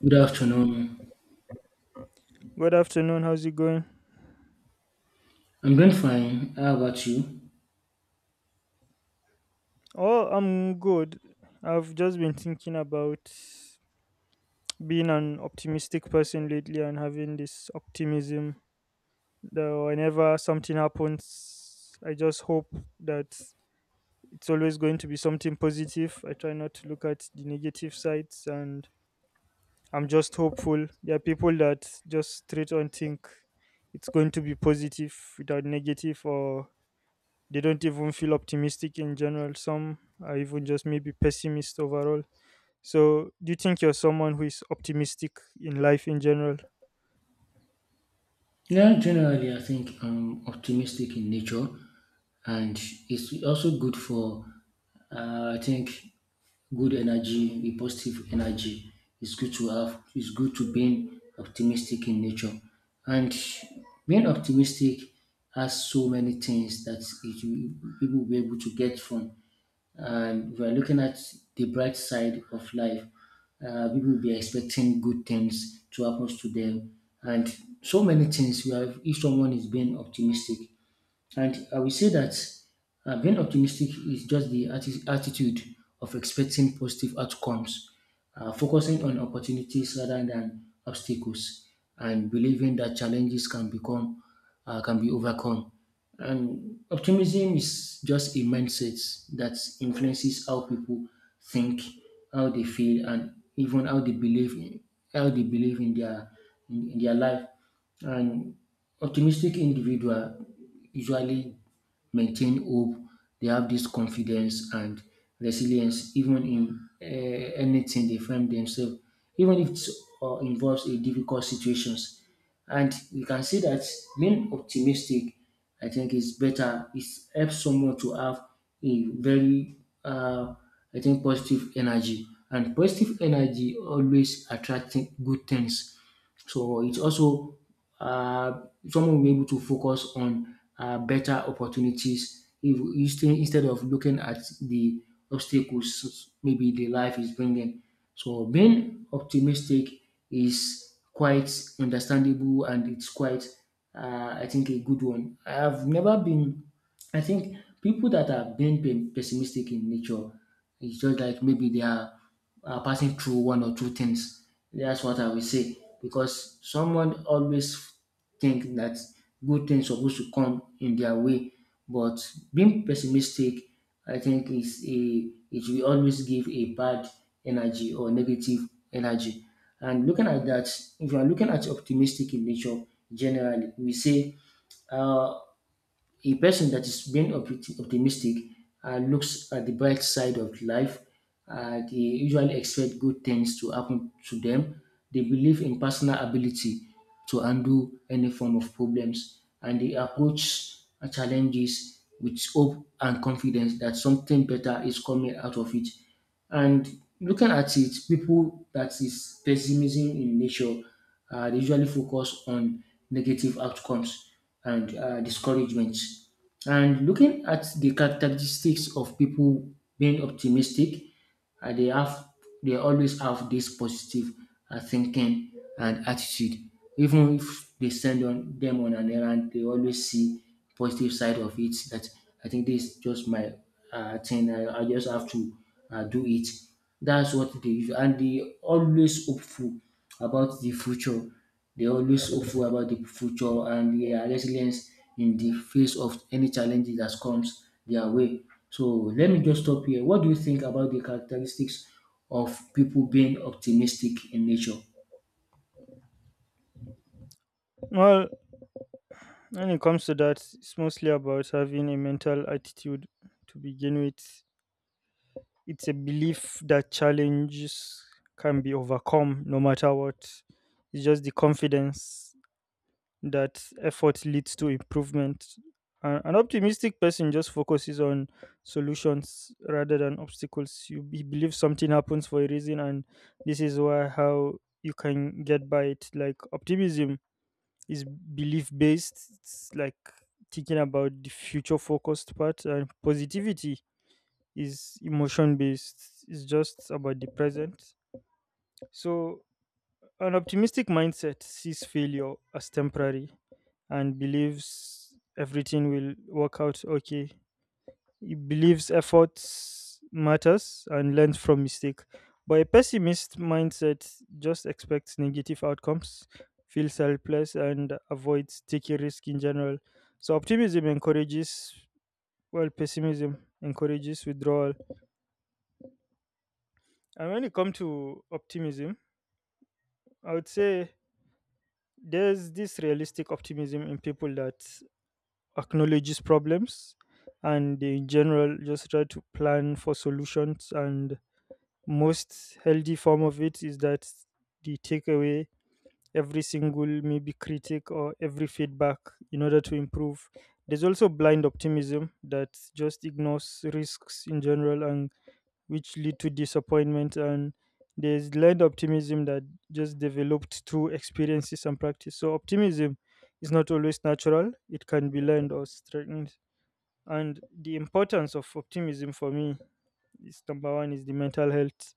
Good afternoon. Good afternoon. How's it going? I'm doing fine. How about you? Oh, I'm good. I've just been thinking about being an optimistic person lately and having this optimism that whenever something happens, I just hope that it's always going to be something positive. I try not to look at the negative sides and I'm just hopeful. There are people that just straight on think it's going to be positive without negative, or they don't even feel optimistic in general. Some are even just maybe pessimist overall. So, do you think you're someone who is optimistic in life in general? Yeah, generally, I think I'm optimistic in nature, and it's also good for, I think, good energy, the positive energy. It's good to have. It's good to being optimistic in nature, and being optimistic has so many things that people will be able to get from. And we are looking at the bright side of life. People will be expecting good things to happen to them, and so many things. We have if someone is being optimistic, and I will say that being optimistic is just the attitude of expecting positive outcomes, focusing on opportunities rather than obstacles, and believing that challenges can become can be overcome. And optimism is just a mindset that influences how people think, how they feel, and even how they believe in their in their life. And optimistic individual usually maintain hope. They have this confidence and resilience, even in anything they find themselves, even if it involves a difficult situations. And you can see that being optimistic, I think, is better. It helps someone to have a very, uh, I think, positive energy. And positive energy always attracting good things. So it also uh, someone will be able to focus on better opportunities if, instead of looking at the obstacles maybe the life is bringing. So being optimistic is quite understandable and it's quite, I think, a good one. I have never been, I think, people that have been pessimistic in nature. It's just like maybe they are passing through one or two things. That's what I will say because someone always think that good things supposed to come in their way, but being pessimistic, I think is a it will always give a bad energy or negative energy. And looking at that, if you are looking at optimistic in nature generally, we say uh, a person that is being optimistic looks at the bright side of life. They usually expect good things to happen to them. They believe in personal ability to undo any form of problems, and they approach challenges with hope and confidence that something better is coming out of it. And looking at it, people that is pessimism in nature they usually focus on negative outcomes and discouragements. And looking at the characteristics of people being optimistic, and they have they always have this positive thinking and attitude, even if they send on them on an errand they always see positive side of it that I think this is just my thing, I just have to do it. That's what they and they always hopeful about the future, and they are resilient in the face of any challenges that comes their way. So let me just stop here. What do you think about the characteristics of people being optimistic in nature? Well, when it comes to that, it's mostly about having a mental attitude to begin with. It's a belief that challenges can be overcome no matter what. It's just the confidence that effort leads to improvement. An optimistic person just focuses on solutions rather than obstacles. You believe something happens for a reason, and this is why how you can get by it. Like optimism is belief based. It's like thinking about the future focused part, and positivity is emotion based. It's just about the present. So an optimistic mindset sees failure as temporary and believes everything will work out okay. He believes efforts matters and learns from mistake. But a pessimist mindset just expects negative outcomes, feels helpless, and avoids taking risk in general. So optimism encourages, well, pessimism encourages withdrawal. And when it comes to optimism, I would say there's this realistic optimism in people that acknowledges problems, and in general just try to plan for solutions, and most healthy form of it is that they take away every single maybe critic or every feedback in order to improve. There's also blind optimism that just ignores risks in general and which lead to disappointment. And there's blind optimism that just developed through experiences and practice. So optimism is not always natural, it can be learned or strengthened. And the importance of optimism for me is number one is the mental health.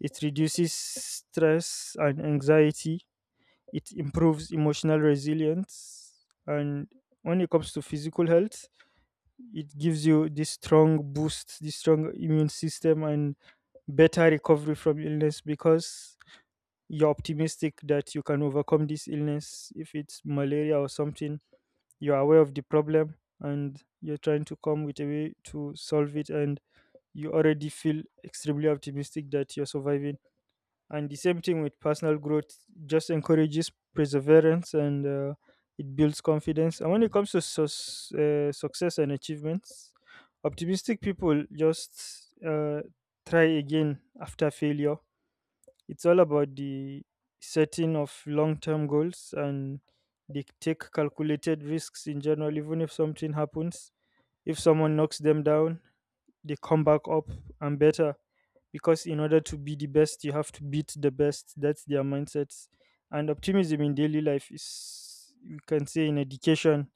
It reduces stress and anxiety. It improves emotional resilience. And when it comes to physical health, it gives you this strong boost, this strong immune system, and better recovery from illness because you're optimistic that you can overcome this illness. If it's malaria or something, you're aware of the problem and you're trying to come with a way to solve it, and you already feel extremely optimistic that you're surviving. And the same thing with personal growth, just encourages perseverance and it builds confidence. And when it comes to success and achievements, optimistic people just try again after failure. It's all about the setting of long term goals, and they take calculated risks in general, even if something happens. If someone knocks them down, they come back up and better, because in order to be the best you have to beat the best. That's their mindsets. And optimism in daily life is, you can say in education,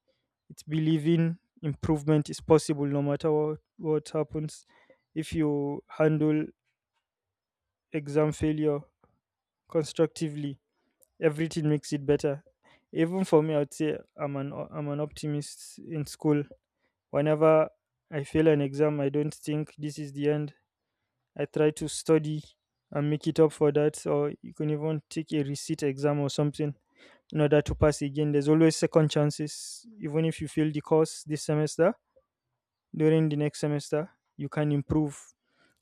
it's believing improvement is possible no matter what happens. If you handle exam failure constructively, everything makes it better. Even for me, I'd say I'm an optimist in school. Whenever I fail an exam, I don't think this is the end. I try to study and make it up for that, or you can even take a receipt exam or something in order to pass again. There's always second chances. Even if you fail the course this semester, during the next semester, you can improve.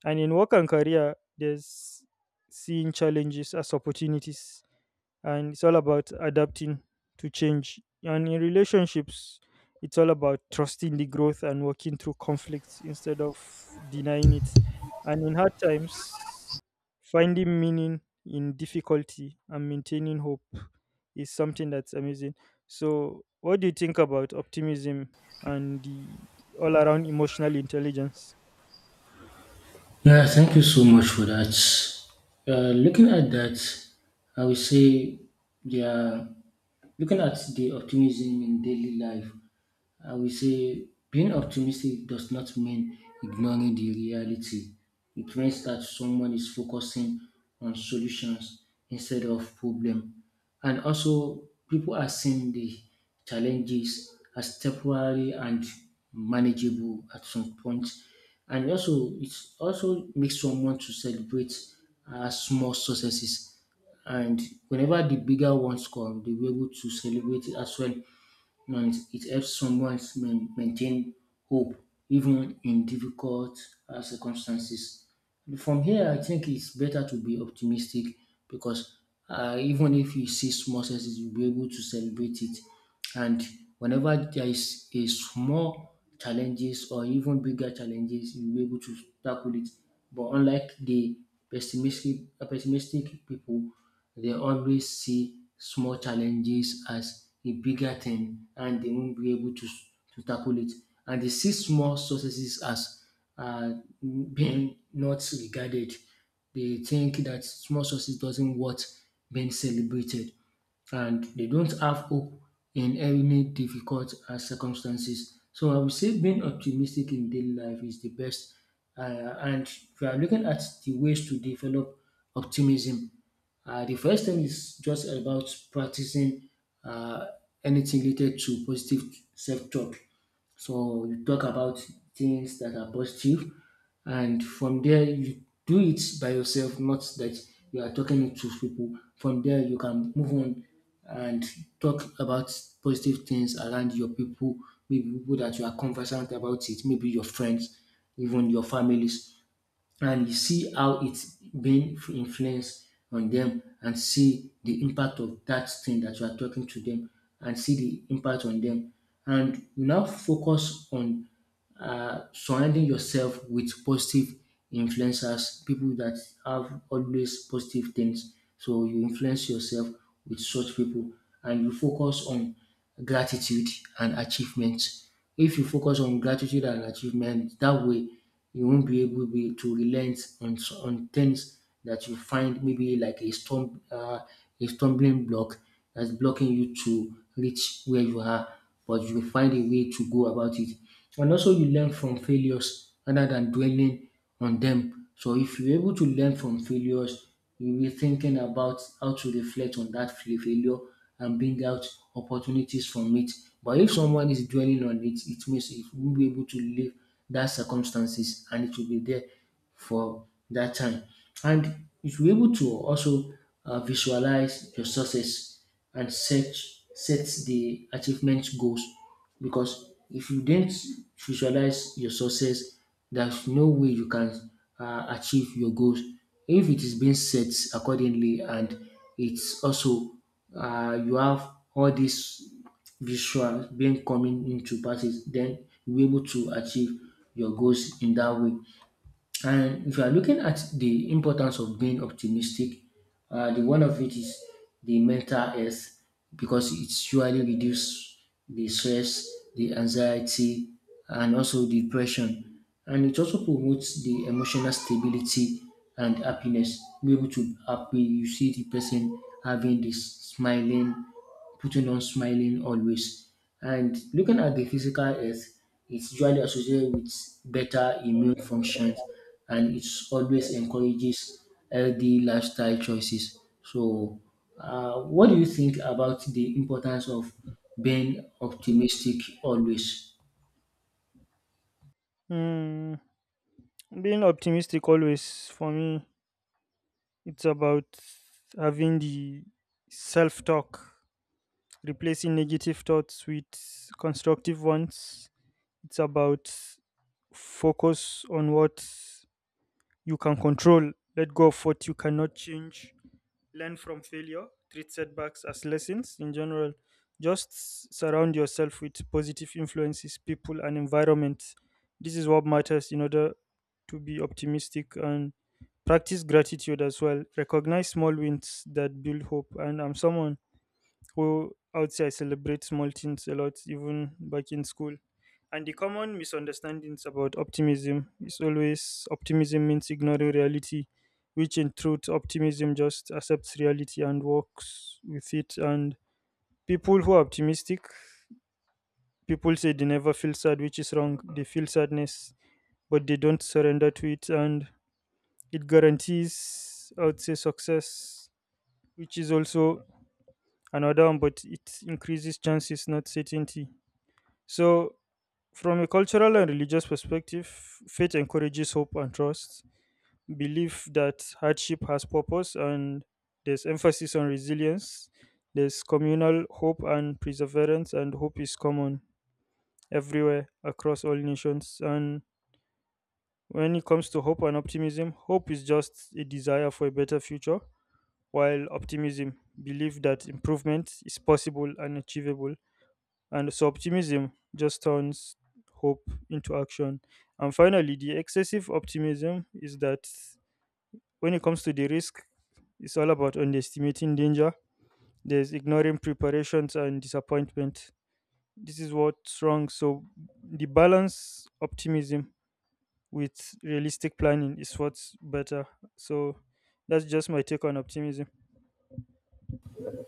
And in work and career, there's seeing challenges as opportunities, and it's all about adapting to change. And in relationships, it's all about trusting the growth and working through conflicts instead of denying it. And in hard times, finding meaning in difficulty and maintaining hope is something that's amazing. So, what do you think about optimism and the all around emotional intelligence? Yeah, thank you so much for that. Looking at that, I would say they are looking at the optimism in daily life. I will say being optimistic does not mean ignoring the reality. It means that someone is focusing on solutions instead of problem. And also people are seeing the challenges as temporary and manageable at some point. And also it also makes someone to celebrate small successes. And whenever the bigger ones come, they will be able to celebrate it as well. You know, it helps someone maintain hope even in difficult circumstances. From here, I think it's better to be optimistic because even if you see small success, you'll be able to celebrate it, and whenever there is a small challenges or even bigger challenges you'll be able to tackle it, but unlike the pessimistic pessimistic people, they always see small challenges as a bigger thing and they won't be able to tackle it, and they see small successes as uh, being not regarded. They think that small success doesn't worth being celebrated, and they don't have hope in any difficult circumstances. So I would say being optimistic in daily life is the best. And if you are looking at the ways to develop optimism, the first thing is just about practicing uh, anything related to positive self talk. So you talk about things that are positive, and from there you do it by yourself, not that you are talking to people. From there you can move on and talk about positive things around your people, maybe people that you are conversant about it, maybe your friends, even your families, and you see how it's been influenced on them and see the impact of that thing that you are talking to them and see the impact on them. And you now focus on surrounding yourself with positive influencers, people that have always positive things. So you influence yourself with such people and you focus on gratitude and achievement. If you focus on gratitude and achievement, that way you won't be to relent on, on things that you find maybe like a storm, a stumbling block that's blocking you to reach where you are, but you find a way to go about it. And also you learn from failures rather than dwelling on them. So if you're able to learn from failures, you'll be thinking about how to reflect on that failure and bring out opportunities from it. But if someone is dwelling on it, it means it will be able to live that circumstances and it will be there for that time. And you will be able to also visualize your success and set the achievement goals, because if you didn't visualize your success, there's no way you can achieve your goals. If it is being set accordingly and it's also you have all these visual being coming into passes, then you'll be able to achieve your goals in that way. And if you are looking at the importance of being optimistic, the one of it is the mental health because it surely reduce the stress, the anxiety, and also depression. And it also promotes the emotional stability and happiness. Be able to happy, you see the person having this smiling, putting on smiling always. And looking at the physical health, it's usually associated with better immune functions and it's always encourages healthy lifestyle choices. So, what do you think about the importance of being optimistic always? Mm, Being optimistic always for me, it's about having the self talk, replacing negative thoughts with constructive ones. It's about focus on what you can control, let go of what you cannot change, learn from failure, treat setbacks as lessons in general. Just surround yourself with positive influences, people, and environments. This is what matters in order to be optimistic and practice gratitude as well. Recognize small wins that build hope. And I'm someone who, I would say, I celebrate small things a lot, even back in school. And the common misunderstandings about optimism is always optimism means ignoring reality, which in truth, optimism just accepts reality and works with it. And people who are optimistic, people say they never feel sad, which is wrong. They feel sadness, but they don't surrender to it. And it guarantees, I would say, success, which is also another one, but it increases chances, not certainty. So, from a cultural and religious perspective, faith encourages hope and trust, belief that hardship has purpose, and there's emphasis on resilience. There's communal hope and perseverance, and hope is common everywhere across all nations. And when it comes to hope and optimism, hope is just a desire for a better future, while optimism, belief that improvement is possible and achievable. And so optimism just turns hope into action. And finally, the excessive optimism is that when it comes to the risk, it's all about underestimating danger. There's ignoring preparations and disappointment. This is what's wrong. So, the balance optimism with realistic planning is what's better. So, that's just my take on optimism.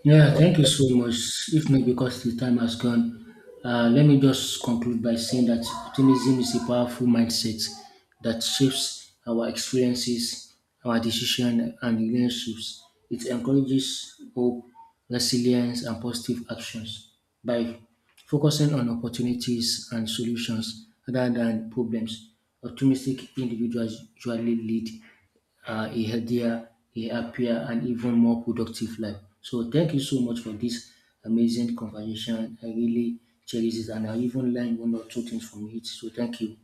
Yeah, thank you so much. If not because the time has gone, let me just conclude by saying that optimism is a powerful mindset that shapes our experiences, our decision, and relationships. It encourages hope, resilience, and positive actions by focusing on opportunities and solutions rather than problems. Optimistic individuals usually lead a healthier, a happier, and even more productive life. So thank you so much for this amazing conversation. I really cherish it, and I even learned one or two things from it. So thank you.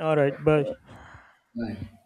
All right, bye. Bye.